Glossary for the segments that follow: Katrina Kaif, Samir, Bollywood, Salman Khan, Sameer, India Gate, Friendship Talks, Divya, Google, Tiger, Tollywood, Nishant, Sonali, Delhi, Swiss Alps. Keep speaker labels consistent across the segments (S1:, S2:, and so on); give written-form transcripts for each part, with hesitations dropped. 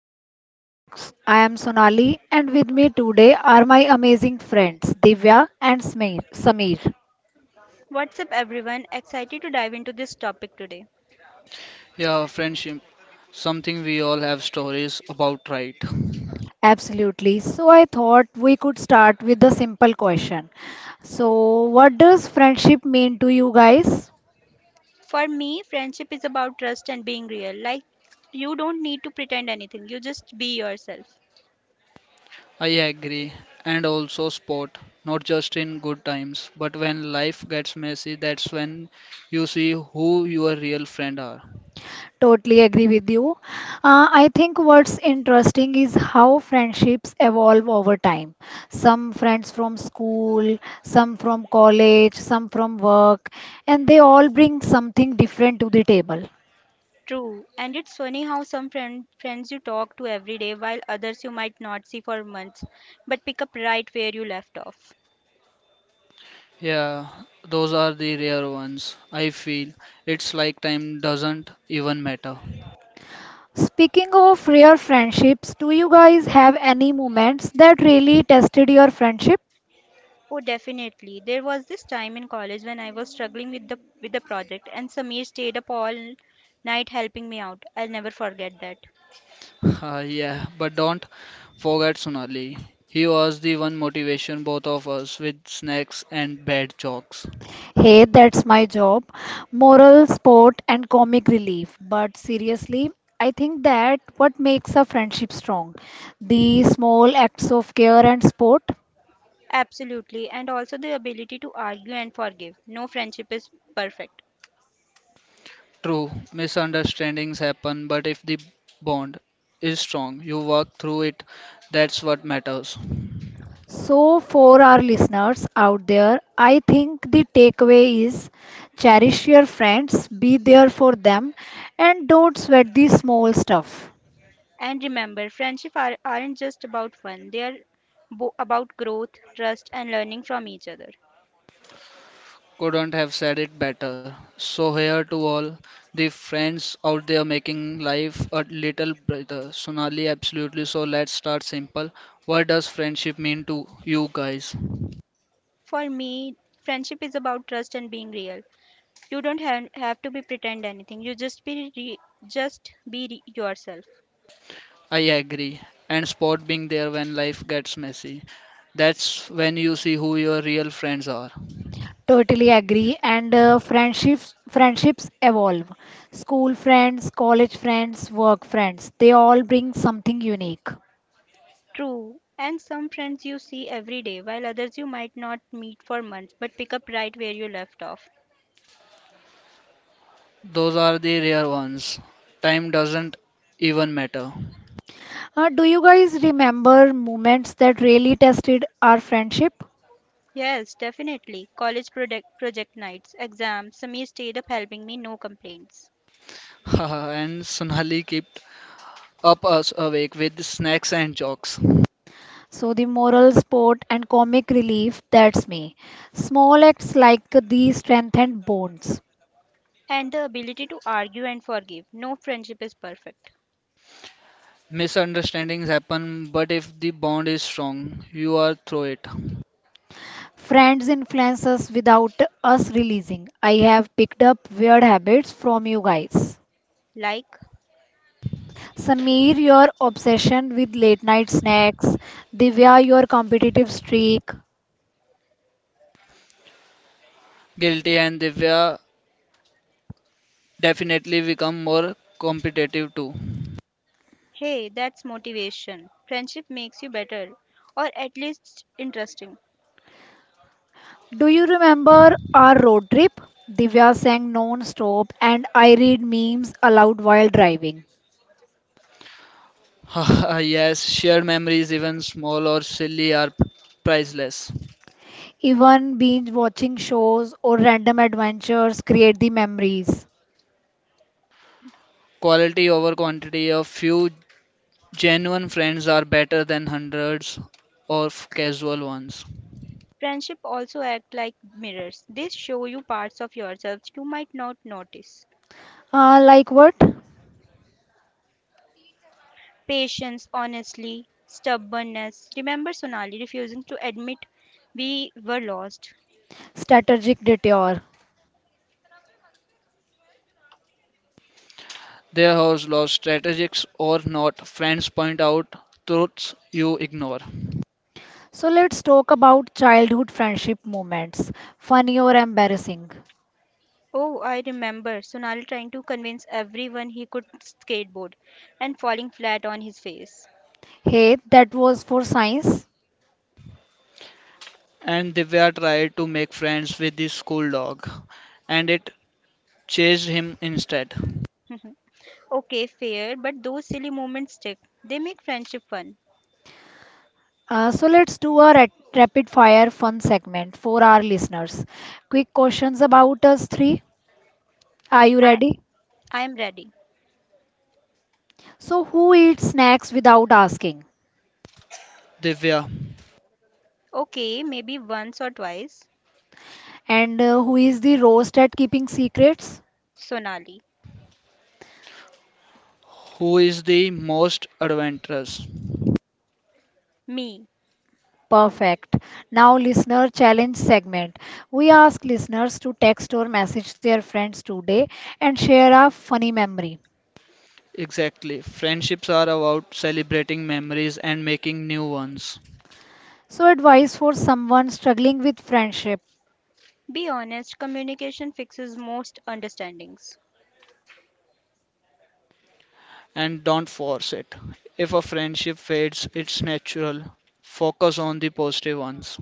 S1: to Friendship Talks. I am Sonali and with me today are my amazing friends Divya and Sameer.
S2: What's up, everyone? Excited to dive into this topic today.
S3: Yeah, friendship. Something we all have stories about, right?
S1: Absolutely. So I thought we could start with a simple question. So, what does friendship mean to you guys?
S2: For me, friendship is about trust and being real. Like, you don't need to pretend anything, you just be yourself.
S3: I agree. And also sport. Not just in good times, but when life gets messy, that's when you see who your real friend are.
S1: Totally agree with you. I think what's interesting is how friendships evolve over time. Some friends from school, some from college, some from work, and they all bring something different to the table.
S2: True, and it's funny how some friends you talk to every day, while others you might not see for months, but pick up right where you left off.
S3: Yeah, those are the rare ones. I feel it's like time doesn't even matter.
S1: Speaking of rare friendships, do you guys have any moments that really tested your friendship?
S2: Oh, definitely. There was this time in college when I was struggling with the project, and Samir stayed up all night helping me out. I'll never forget that.
S3: Yeah, but don't forget Sonali. He was the one motivation both of us with snacks and bad jokes.
S1: Hey, that's my job. Moral support and comic relief. But seriously, I think that what makes a friendship strong, the small acts of care and support.
S2: Absolutely, and also the ability to argue and forgive. No friendship is perfect.
S3: True, misunderstandings happen, but if the bond is strong, you work through it, that's what matters.
S1: So, for our listeners out there, I think the takeaway is cherish your friends, be there for them, and don't sweat the small stuff.
S2: And remember, friendship are, aren't just about fun, they are about growth, trust, and learning from each other.
S3: Couldn't have said it better. So, here to all the friends out there making life a little brighter. Sonali, absolutely. So, let's start simple. What does friendship mean to you guys?
S2: For me, friendship is about trust and being real. You don't have to be pretend anything. You just be yourself.
S3: I agree. And sport being there when life gets messy. That's when you see who your real friends are.
S1: Totally agree. And friendships evolve. School friends, college friends, work friends, they all bring something unique.
S2: True. And some friends you see every day, while others you might not meet for months, but pick up right where you left off.
S3: Those are the rare ones. Time doesn't even matter.
S1: Do you guys remember moments that really tested our friendship?
S2: Yes, definitely. College project nights, exams, semi stayed up helping me, no complaints.
S3: Haha, and Sunali kept up us awake with snacks and jokes.
S1: So the moral support and comic relief, that's me. Small acts like these strengthened bonds.
S2: And the ability to argue and forgive. No friendship is perfect.
S3: Misunderstandings happen, but if the bond is strong, you are through it.
S1: Friends influence us without us realizing. I have picked up weird habits from you guys.
S2: Like,
S1: Sameer, your obsession with late night snacks. Divya, your competitive streak.
S3: Guilty and Divya definitely become more competitive too.
S2: hey, that's motivation. Friendship makes you better, or at least interesting.
S1: Do you remember our road trip? Divya sang non stop, and I read memes aloud while driving.
S3: Haha, yes, shared memories, even small or silly, are priceless.
S1: Even binge watching shows or random adventures create the memories.
S3: Quality over quantity. A few genuine friends are better than hundreds of casual ones.
S2: Friendship also act like mirrors. They show you parts of yourselves you might not notice.
S1: Like what?
S2: Patience, honestly, stubbornness. Remember Sonali refusing to admit we were lost.
S1: Strategic detour.
S3: There are laws, strategics or not, friends point out truths you ignore.
S1: So let's talk about childhood friendship moments, funny or embarrassing.
S2: Oh, I remember Sonali trying to convince everyone he could skateboard and falling flat on his face.
S1: Hey, that was for science.
S3: And Divya tried to make friends with the school dog, and it chased him instead.
S2: Okay, fair, but those silly moments stick. They make friendship fun.
S1: So let's do a rapid fire fun segment for our listeners. Quick questions about us three. Are you
S2: I,
S1: ready?
S2: I am ready.
S1: So, who eats snacks without asking?
S3: Divya,
S2: Okay, maybe once or twice.
S1: And who is the roast at keeping secrets?
S2: Sonali.
S3: who is the most adventurous?
S2: Me.
S1: Perfect. Now, listener challenge segment. We ask listeners to text or message their friends today and share a funny memory.
S3: Exactly. Friendships are about celebrating memories and making new ones.
S1: So, advice for someone struggling with friendship.
S2: Be honest, communication fixes most understandings.
S3: And don't force it. If a friendship fades, it's natural. Focus on the positive ones.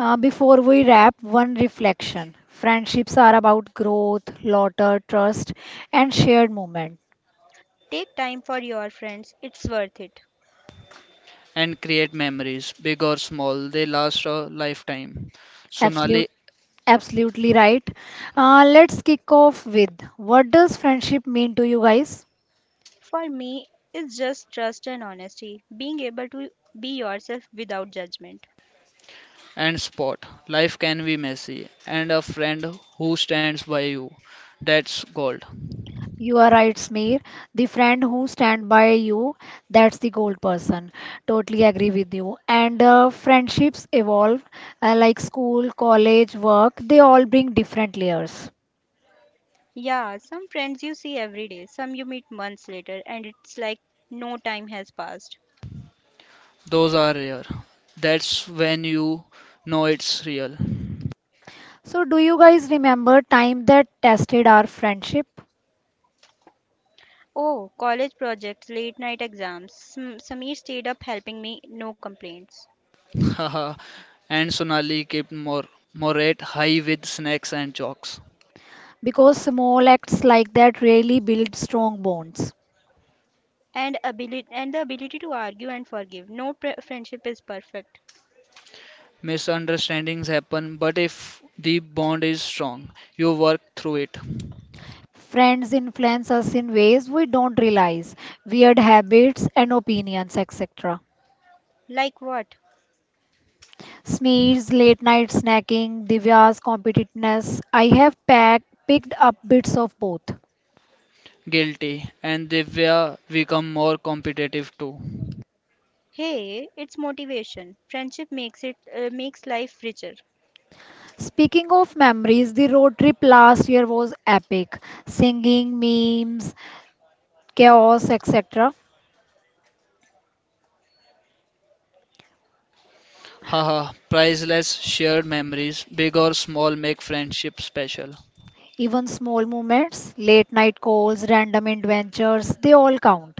S1: Before we wrap, one reflection. Friendships are about growth, laughter, trust, and shared moment.
S2: Take time for your friends, it's worth it.
S3: And create memories, big or small. They last a lifetime. Sonali
S1: Absolute, Absolutely right. Let's kick off with what does friendship mean to you guys?
S2: For me, it's just trust and honesty, being able to be yourself without judgment.
S3: and Spot. Life can be messy, and a friend who stands by you. That's gold.
S1: You are right, Smear. The friend who stand by you, that's the gold person. Totally agree with you. And friendships evolve, like school, college, work. They all bring different layers.
S2: Yeah, some friends you see every day, some you meet months later, and it's like no time has passed.
S3: Those are rare. That's when you know it's real.
S1: So, do you guys remember time that tested our friendship?
S2: Oh, college projects, late night exams. Samir stayed up helping me, no complaints.
S3: Haha. And Sonali kept Morat high with snacks and jokes.
S1: Because small acts like that really build strong bonds.
S2: And ability and the ability to argue and forgive. No friendship is perfect.
S3: Misunderstandings happen, but if the bond is strong, you work through it.
S1: Friends influence us in ways we don't realize, weird habits and opinions, etc.
S2: Like what?
S1: Sneers, late night snacking, Divya's competitiveness. I have picked up bits of both.
S3: Guilty. And Divya become more competitive too.
S2: Hey, it's motivation. Friendship makes it makes life richer.
S1: Speaking of memories, the road trip last year was epic. Singing, memes, chaos, etc.
S3: Haha, priceless shared memories, big or small, make friendship special.
S1: Even small moments, late night calls, random adventures, they all count.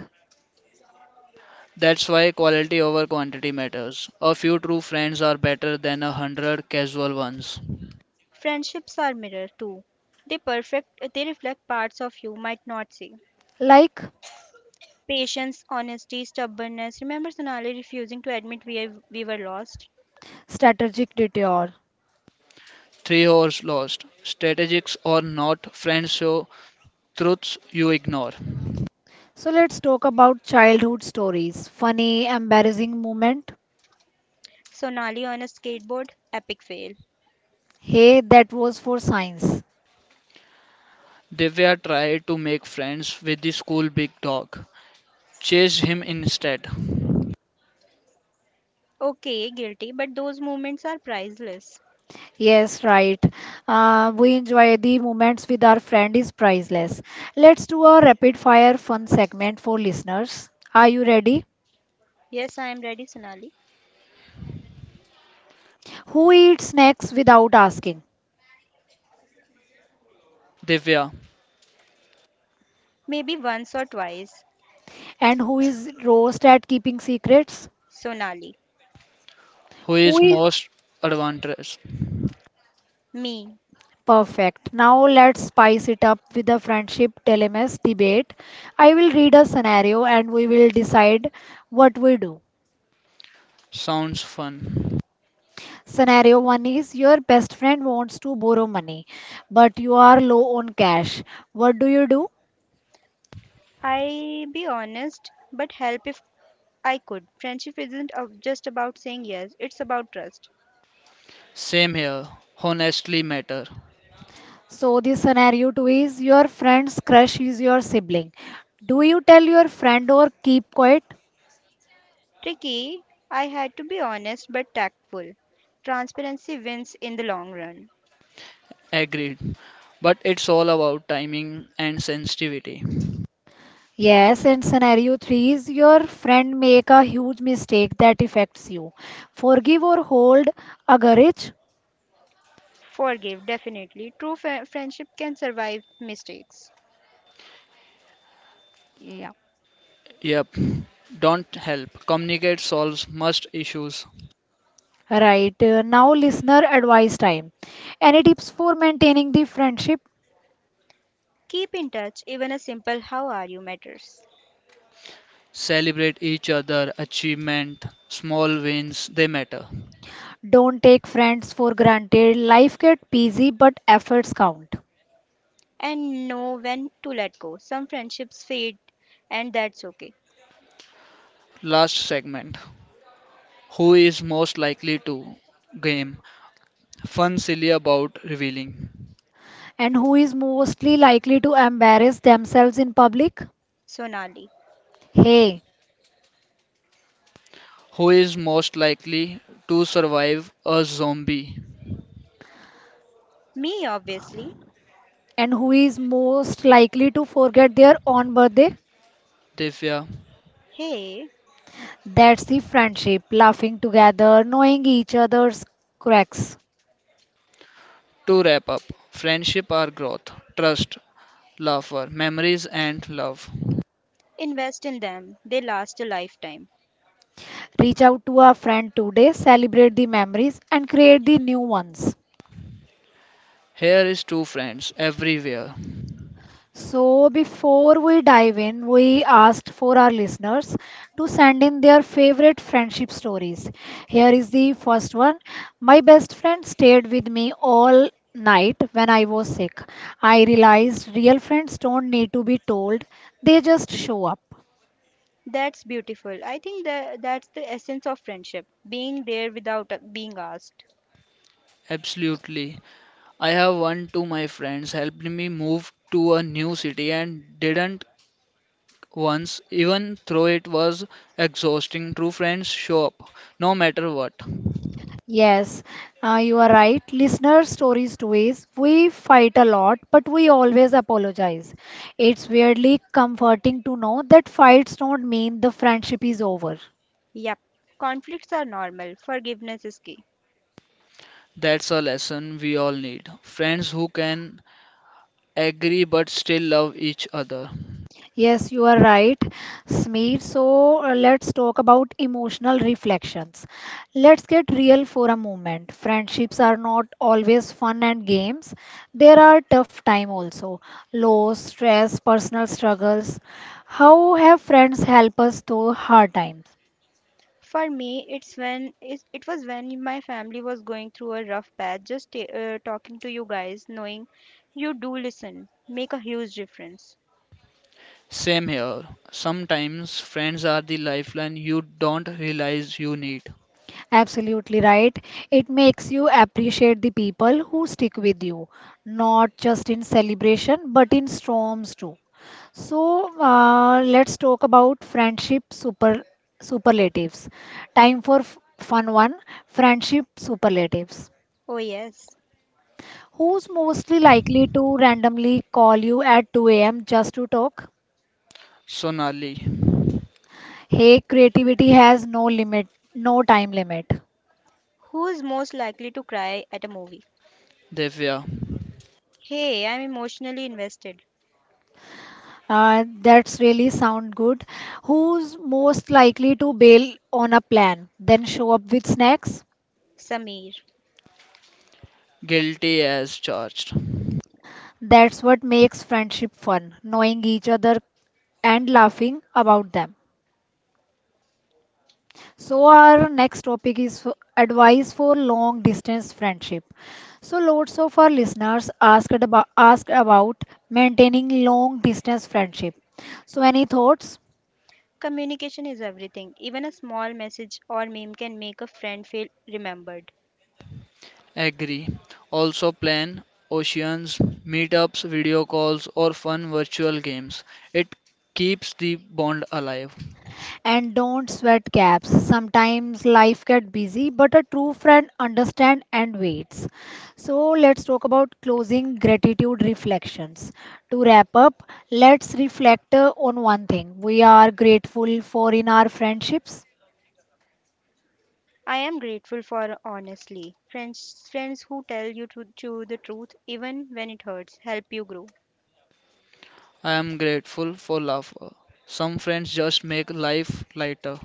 S3: That's why quality over quantity matters. A few true friends are better than a hundred casual ones.
S2: Friendships are mirror too. They perfect they reflect parts of you might not see.
S1: Like
S2: Patience, honesty, stubbornness. Remember Sonali refusing to admit we were lost?
S1: strategic detour.
S3: Three hours lost. Strategics or not, friends show truths you ignore.
S1: So let's talk about childhood stories. Funny, embarrassing moment.
S2: Sonali on a skateboard? Epic fail.
S1: Hey, that was for science.
S3: Divya tried to make friends with the school big dog. Chased him instead.
S2: Okay, guilty, but those moments are priceless.
S1: Yes, right. We enjoy the moments with our friend is priceless. Let's do a rapid fire fun segment for listeners. Are you ready?
S2: Yes, I am ready, Sonali.
S1: Who eats snacks without asking?
S3: Divya,
S2: Maybe once or twice.
S1: And who is roast at keeping secrets?
S2: Sonali.
S3: who
S1: Who
S3: is
S1: is
S3: most adventurous?
S2: Me.
S1: Perfect. Now let's spice it up with the friendship dilemmas debate. I will read a scenario and we will decide what we do.
S3: Sounds fun.
S1: Scenario 1 is your best friend wants to borrow money, but you are low on cash. What do you do?
S2: I be honest, but help if I could. Friendship isn't just about saying yes, it's about trust.
S3: Same here. Honestly matter.
S1: So, the scenario 2 is your friend's crush is your sibling. Do you tell your friend or keep quiet?
S2: Tricky, I had to be honest but tactful. Transparency wins in the long run.
S3: Agreed. But it's all about timing and sensitivity.
S1: Yes, and scenario 3 is your friend make a huge mistake that affects you. Forgive or hold a grudge?
S2: Forgive, definitely. True friendship can survive mistakes.
S1: Yeah.
S3: Yep. Don't help. Communicate solves must issues.
S1: Right. Now, listener advice time. Any tips for maintaining the friendship?
S2: Keep in touch, even a simple how are you matters.
S3: Celebrate each other achievement. Small wins they matter.
S1: Don't take friends for granted. Life gets busy, but efforts count.
S2: And know when to let go. Some friendships fade, and that's okay.
S3: Last segment. Who is most likely to game? Fun silly about revealing.
S1: And who is mostly likely to embarrass themselves in public?
S2: Sonali.
S1: Hey.
S3: Who is most likely to survive a zombie?
S2: Me, obviously.
S1: And who is most likely to forget their own birthday?
S3: Divya.
S2: Hey,
S1: That's the friendship. Laughing together, knowing each other's cracks.
S3: To wrap up, friendship are growth, trust, laughter, memories, and love.
S2: invest in them. They last a lifetime.
S1: Reach out to a friend today, celebrate the memories, and create the new ones.
S3: Here is two friends everywhere.
S1: So, before we dive in, we asked for our listeners to send in their favorite friendship stories. Here is the first one. My best friend stayed with me all night when I was sick. I realized real friends don't need to be told, they just show up.
S2: That's beautiful. I think that's the essence of friendship being there without being asked.
S3: Absolutely. I have one to my friends helped me move to a new city and didn't once, even though it was exhausting. True friends show up no matter what.
S1: Yes, you are right. Listener stories too is we fight a lot, but we always apologize. It's weirdly comforting to know that fights don't mean the friendship is over.
S2: Yep. Conflicts are normal. Forgiveness is key.
S3: That's a lesson we all need. Friends who can agree but still love each other.
S1: Yes, you are right, Smeet. So let's talk about emotional reflections. Let's get real for a moment. Friendships are not always fun and games. There are tough time also, loss, stress, personal struggles. How have friends help us through hard times?
S2: For me, it was when my family was going through a rough patch. Just talking to you guys, knowing you do listen, make a huge difference.
S3: Same here. Sometimes friends are the lifeline you don't realize you need.
S1: Absolutely right. It makes you appreciate the people who stick with you, not just in celebration, but in storms too. So let's talk about friendship superlatives. Time for fun one. Friendship superlatives.
S2: Oh yes.
S1: Who's mostly likely to randomly call you at 2 a.m. just to talk?
S3: Sonali,
S1: Hey, creativity has no limit, no time limit.
S2: Who is most likely to cry at a movie?
S3: Devya,
S2: Hey, I'm emotionally invested.
S1: That's really sound good. Who's most likely to bail on a plan, then show up with snacks?
S2: Samir.
S3: guilty as charged.
S1: That's what makes friendship fun, knowing each other and laughing about them. So our next topic is advice for long distance friendship. So lots of our listeners asked about maintaining long distance friendship. So any thoughts?
S2: Communication is everything. Even a small message or meme can make a friend feel remembered.
S3: Agree. Also plan oceans, meetups, video calls, or fun virtual games. It keeps the bond alive.
S1: And don't sweat gaps. Sometimes life gets busy, but a true friend understands and waits. So let's talk about closing gratitude reflections. To wrap up, let's reflect on one thing we are grateful for in our friendships.
S2: I am grateful for honestly friends who tell you to the truth even when it hurts help you grow.
S3: I am grateful for laughter. Some friends just make life lighter.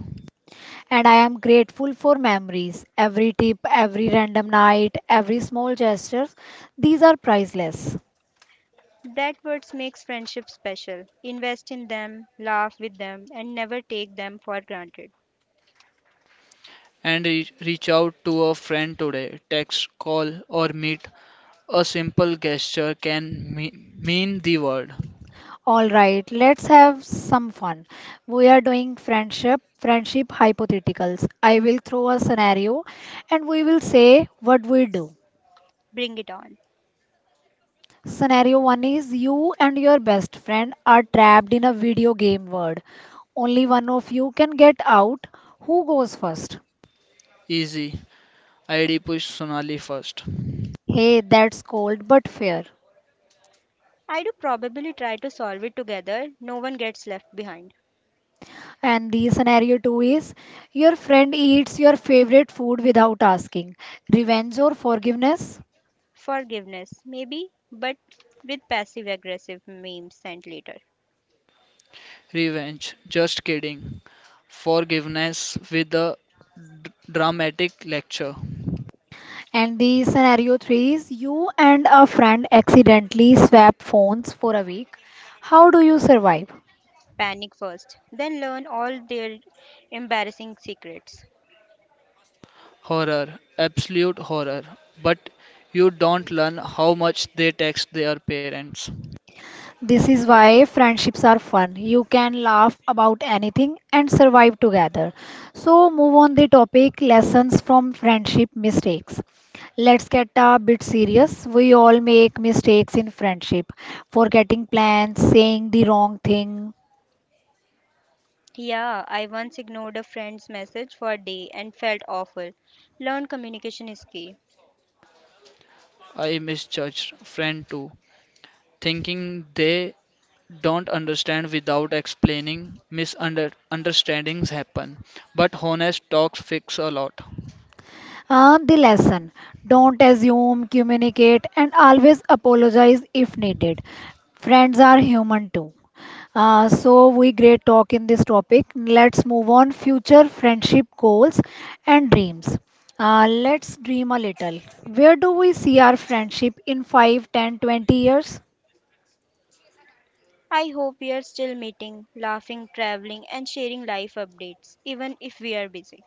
S1: And I am grateful for memories. Every tip, every random night, every small gesture, these are priceless.
S2: That words makes friendship special. Invest in them, laugh with them, and never take them for granted.
S3: And reach out to a friend today. Text, call, or meet. A simple gesture can mean the word.
S1: All right, let's have some fun. We are doing friendship hypotheticals. I will throw a scenario and we will say what we do.
S2: Bring it on.
S1: Scenario 1 is you and your best friend are trapped in a video game world. Only one of you can get out. Who goes first?
S3: Easy. ID push Sonali first.
S1: Hey, that's cold but fair.
S2: I do probably try to solve it together. No one gets left behind.
S1: And the scenario two is your friend eats your favorite food without asking, revenge or forgiveness.
S2: Forgiveness, maybe, but with passive aggressive memes sent later.
S3: Revenge. Just kidding. Forgiveness with a dramatic lecture.
S1: And the scenario three is you and a friend accidentally swap phones for a week. How do you survive?
S2: Panic first, then learn all their embarrassing secrets.
S3: Horror. Absolute horror. But you don't learn how much they text their parents.
S1: This is why friendships are fun. You can laugh about anything and survive together. So, move on the topic lessons from friendship mistakes. Let's get a bit serious. We all make mistakes in friendship. Forgetting plans, saying the wrong thing,
S2: Yeah, I once ignored a friend's message for a day and felt awful. Learn communication is key.
S3: I misjudged friend too. Thinking they don't understand without explaining, misunderstandings happen. But honest talks fix a lot.
S1: The lesson don't assume, communicate, and always apologize if needed. Friends are human too. So we great talk in this topic. Let's move on future friendship goals and dreams. Let's dream a little. Where do we see our friendship in 5, 10, 20 years?
S2: I hope we are still meeting, laughing, traveling, and sharing life updates, even if we are busy.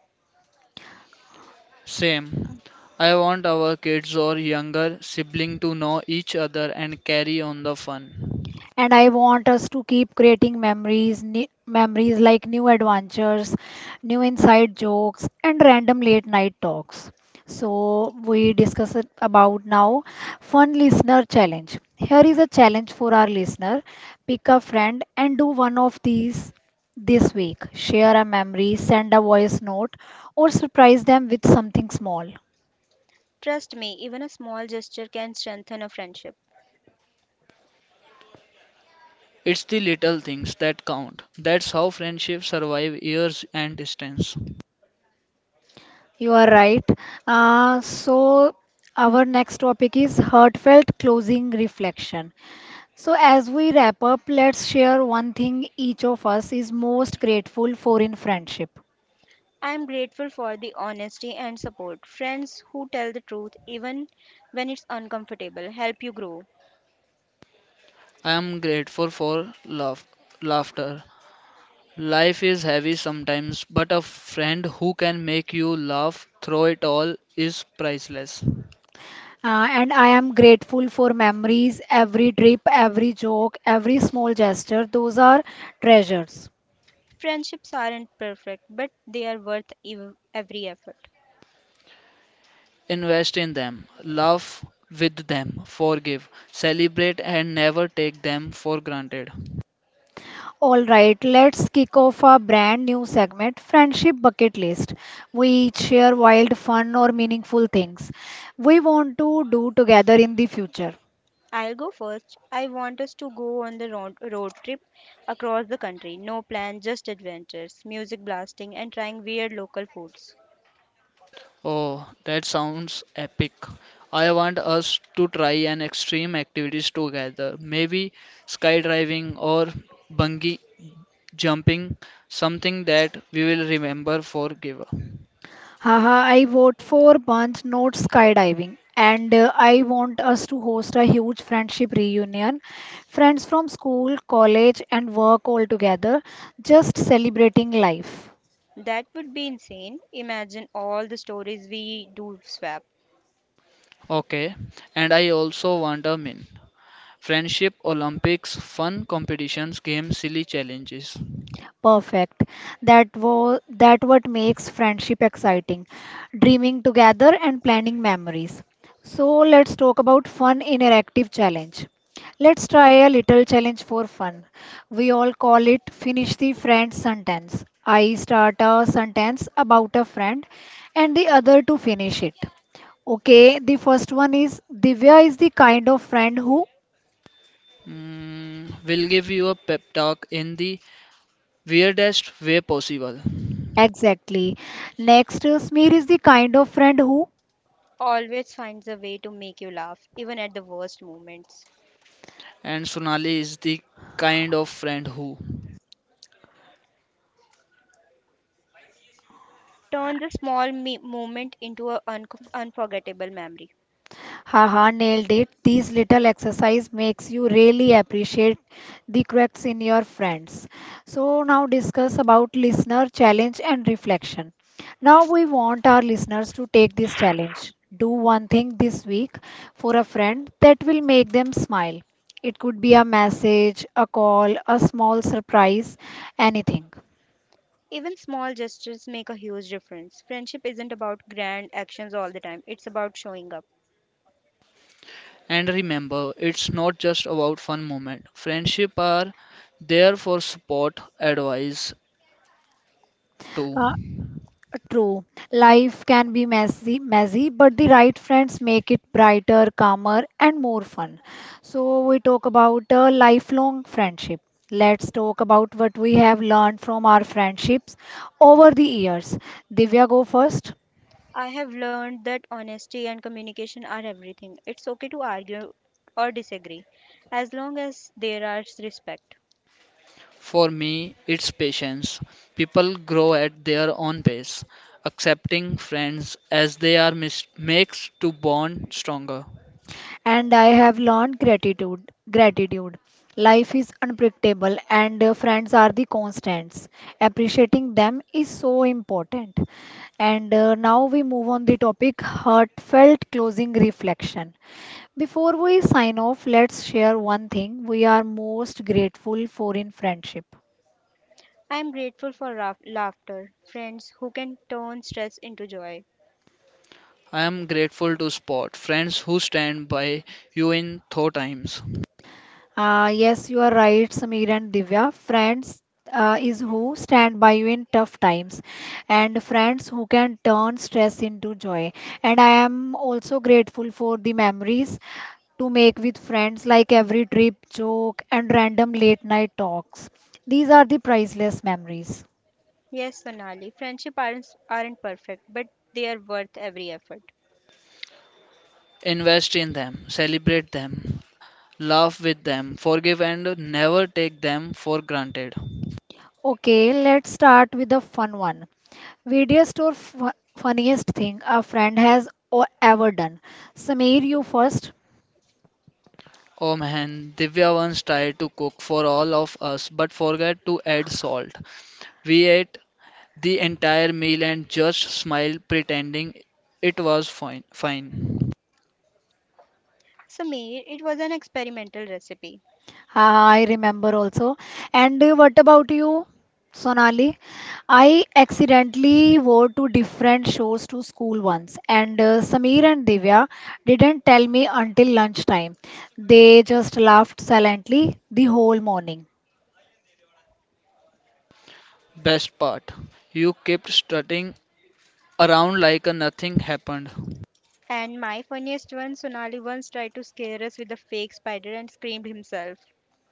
S3: Same. I want our kids or younger sibling to know each other and carry on the fun.
S1: And I want us to keep creating memories, memories like new adventures, new inside jokes, and random late night talks. So we discuss it about now fun listener challenge. Here is a challenge for our listener. Pick a friend and do one of these this week. Share a memory, send a voice note, or surprise them with something small.
S2: Trust me, even a small gesture can strengthen a friendship.
S3: It's the little things that count. That's how friendships survive years and distance.
S1: You are right. So, our next topic is heartfelt closing reflection. So, as we wrap up, let's share one thing each of us is most grateful for in friendship.
S2: I am grateful for the honesty and support. Friends who tell the truth, even when it's uncomfortable, help you grow.
S3: I am grateful for love, laughter. Life is heavy sometimes, but a friend who can make you laugh through it all is priceless.
S1: And I am grateful for memories, every trip, every joke, every small gesture. Those are treasures.
S2: Friendships aren't perfect, but they are worth every effort.
S3: Invest in them, laugh with them, forgive, celebrate, and never take them for granted.
S1: All right, let's kick off our brand new segment, Friendship Bucket List. We each share wild, fun, or meaningful things we want to do together in the future.
S2: I'll go first. I want us to go on road trip across the country. No plan, just adventures, music blasting, and trying weird local foods.
S3: Oh, that sounds epic. I want us to try an extreme activities together. Maybe skydiving or bungee jumping, something that we will remember forever.
S1: Haha, I vote for bunch note skydiving, and I want us to host a huge friendship reunion. Friends from school, college, and work all together, just celebrating life.
S2: That would be insane. Imagine all the stories we do swap.
S3: Okay, and I also want a min. Friendship Olympics, fun competitions, games, silly challenges.
S1: Perfect. That was that what makes friendship exciting. Dreaming together and planning memories. So let's talk about fun interactive challenge. Let's try a little challenge for fun. We all call it finish the friend sentence. I start a sentence about a friend and the other to finish it. Okay, the first one is Divya is the kind of friend who
S3: Mm, we'll give you a pep talk in the weirdest way possible.
S1: exactly. Next, Smir is the kind of friend who
S2: Always finds a way to make you laugh, even at the worst moments.
S3: And Sonali is the kind of friend who...
S2: Turn the small moment into an unforgettable memory.
S1: Haha, nailed it. These little exercise makes you really appreciate the cracks in your friends. So now discuss about listener challenge and reflection. Now we want our listeners to take this challenge. Do one thing this week for a friend that will make them smile. It could be a message, a call, a small surprise, anything.
S2: Even small gestures make a huge difference. Friendship isn't about grand actions all the time, it's about showing up.
S3: And remember, it's not just about fun moment. Friendship are there for support, advice too.
S1: True. Life can be messy, but the right friends make it brighter, calmer, and more fun. So we talk about a lifelong friendship. Let's talk about what we have learned from our friendships over the years. Divya, go first.
S2: I have learned that honesty and communication are everything. It's okay to argue or disagree, as long as there is respect.
S3: For me, it's patience. People grow at their own pace. Accepting friends as they are makes to bond stronger.
S1: And I have learned gratitude. Gratitude. Life is unpredictable, and friends are the constants. Appreciating them is so important. And now we move on the topic heartfelt closing reflection. Before we sign off, let's share one thing we are most grateful for in friendship.
S2: I am grateful for laughter, friends who can turn stress into joy.
S3: I am grateful to spot friends who stand by you in tough times.
S1: Yes, you are right, Samir and Divya. Friends is who stand by you in tough times, and friends who can turn stress into joy. And I am also grateful for the memories to make with friends, like every trip, joke, and random late night talks. These are the priceless memories.
S2: Yes, Sonali, friendship aren't perfect, but they are worth every effort.
S3: Invest in them, celebrate them, laugh with them, forgive and never take them for granted.
S1: Okay, let's start with a fun one. Weirdest or funniest thing a friend has ever done. Samir, you first.
S3: Oh man, Divya once tried to cook for all of us but forgot to add salt. We ate the entire meal and just smiled pretending it was fine.
S2: Sameer, it was an experimental recipe.
S1: I remember also. And what about you, Sonali? I accidentally wore two different shoes to school once, and Sameer and Divya didn't tell me until lunchtime. They just laughed silently the whole morning.
S3: Best part, you kept strutting around like nothing happened.
S2: And my funniest one, Sonali once tried to scare us with a fake spider and screamed himself.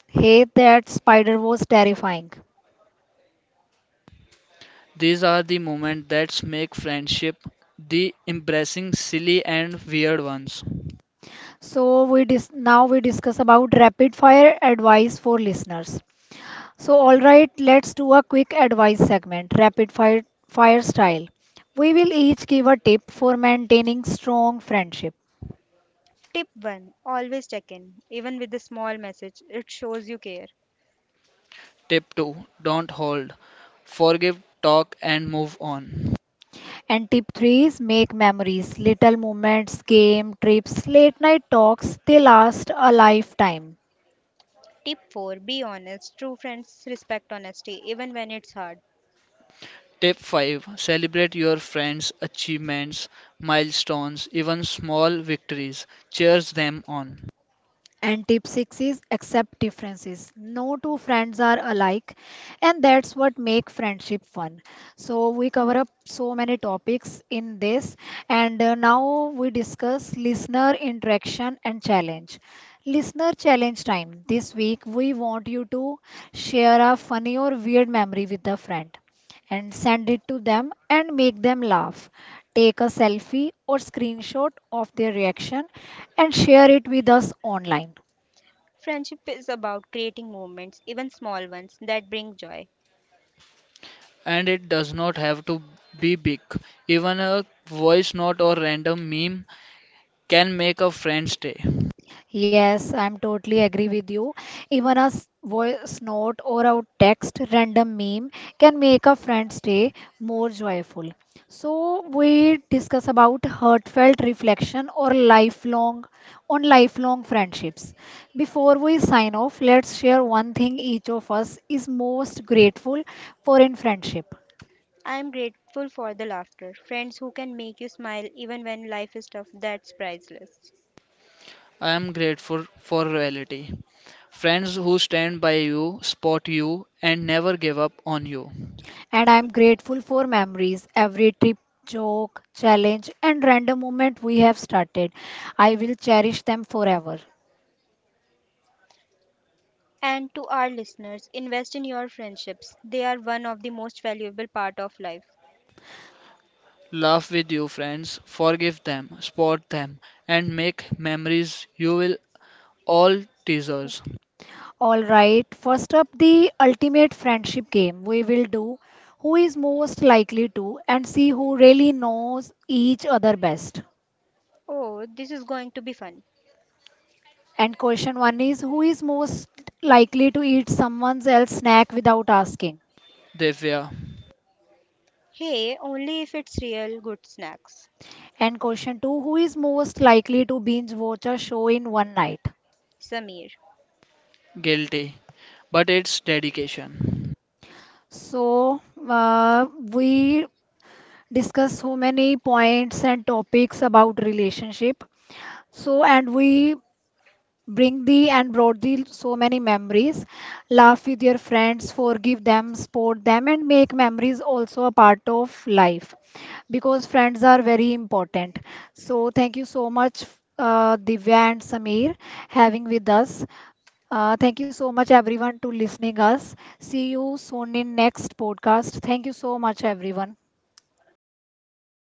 S1: Hey, that spider was terrifying.
S3: These are the moments that make friendship the embarrassing, silly, and weird ones.
S1: So we dis now we discuss about rapid fire advice for listeners. So, all right, let's do a quick advice segment, rapid fire style. We will each give a tip for maintaining strong friendship.
S2: Tip 1 Always check in. Even with a small message, it shows you care.
S3: Tip 2, don't hold, forgive, talk, and move on.
S1: And tip three is make memories, little moments, game, trips, late night talks, they last a lifetime.
S2: Tip 4 Be honest. True friends respect honesty, even when it's hard.
S3: Tip 5, celebrate your friends' achievements, milestones, even small victories. Cheers them on.
S1: And tip six is accept differences. No two friends are alike, and that's what make friendship fun. So we cover up so many topics in this, and now we discuss listener interaction and challenge. Listener challenge time. This week we want you to share a funny or weird memory with a friend and send it to them and make them laugh. Take a selfie or screenshot of their reaction and share it with us online.
S2: Friendship is about creating moments, even small ones, that bring joy.
S3: And it does not have to be big. Even a voice note or random meme can make a friend's day.
S1: Yes, I'm totally agree with you. Even a voice note or a text random meme can make a friend's day more joyful. So we discuss about heartfelt reflection or lifelong on lifelong friendships. Before we sign off, let's share one thing each of us is most grateful for in friendship.
S2: I am grateful for the laughter, friends who can make you smile even when life is tough, that's priceless.
S3: I am grateful for reality. Friends who stand by you, support you, and never give up on you.
S1: And I'm grateful for memories, every trip, joke, challenge, and random moment we have started. I will cherish them forever.
S2: And to our listeners, invest in your friendships. They are one of the most valuable part of life.
S3: Laugh with you, friends. Forgive them, support them, and make memories you will all teasers.
S1: All right, first up, the ultimate friendship game we will do who is most likely to and see who really knows each other best.
S2: Oh, this is going to be fun.
S1: And question one is who is most likely to eat someone else's snack without asking?
S3: Devya.
S2: Hey, only if it's real good snacks.
S1: And question two, who is most likely to binge watch a show in one night?
S2: Samir.
S3: Guilty. But it's dedication.
S1: So, we discuss so many points and topics about relationship. So, and we bring the and brought the so many memories. Laugh with your friends, forgive them, support them, and make memories also a part of life because friends are very important. So, thank you so much, Divya and Samir, having with us. Thank you so much everyone to listening us. See you soon in next podcast. Thank you so much everyone.
S2: Thank you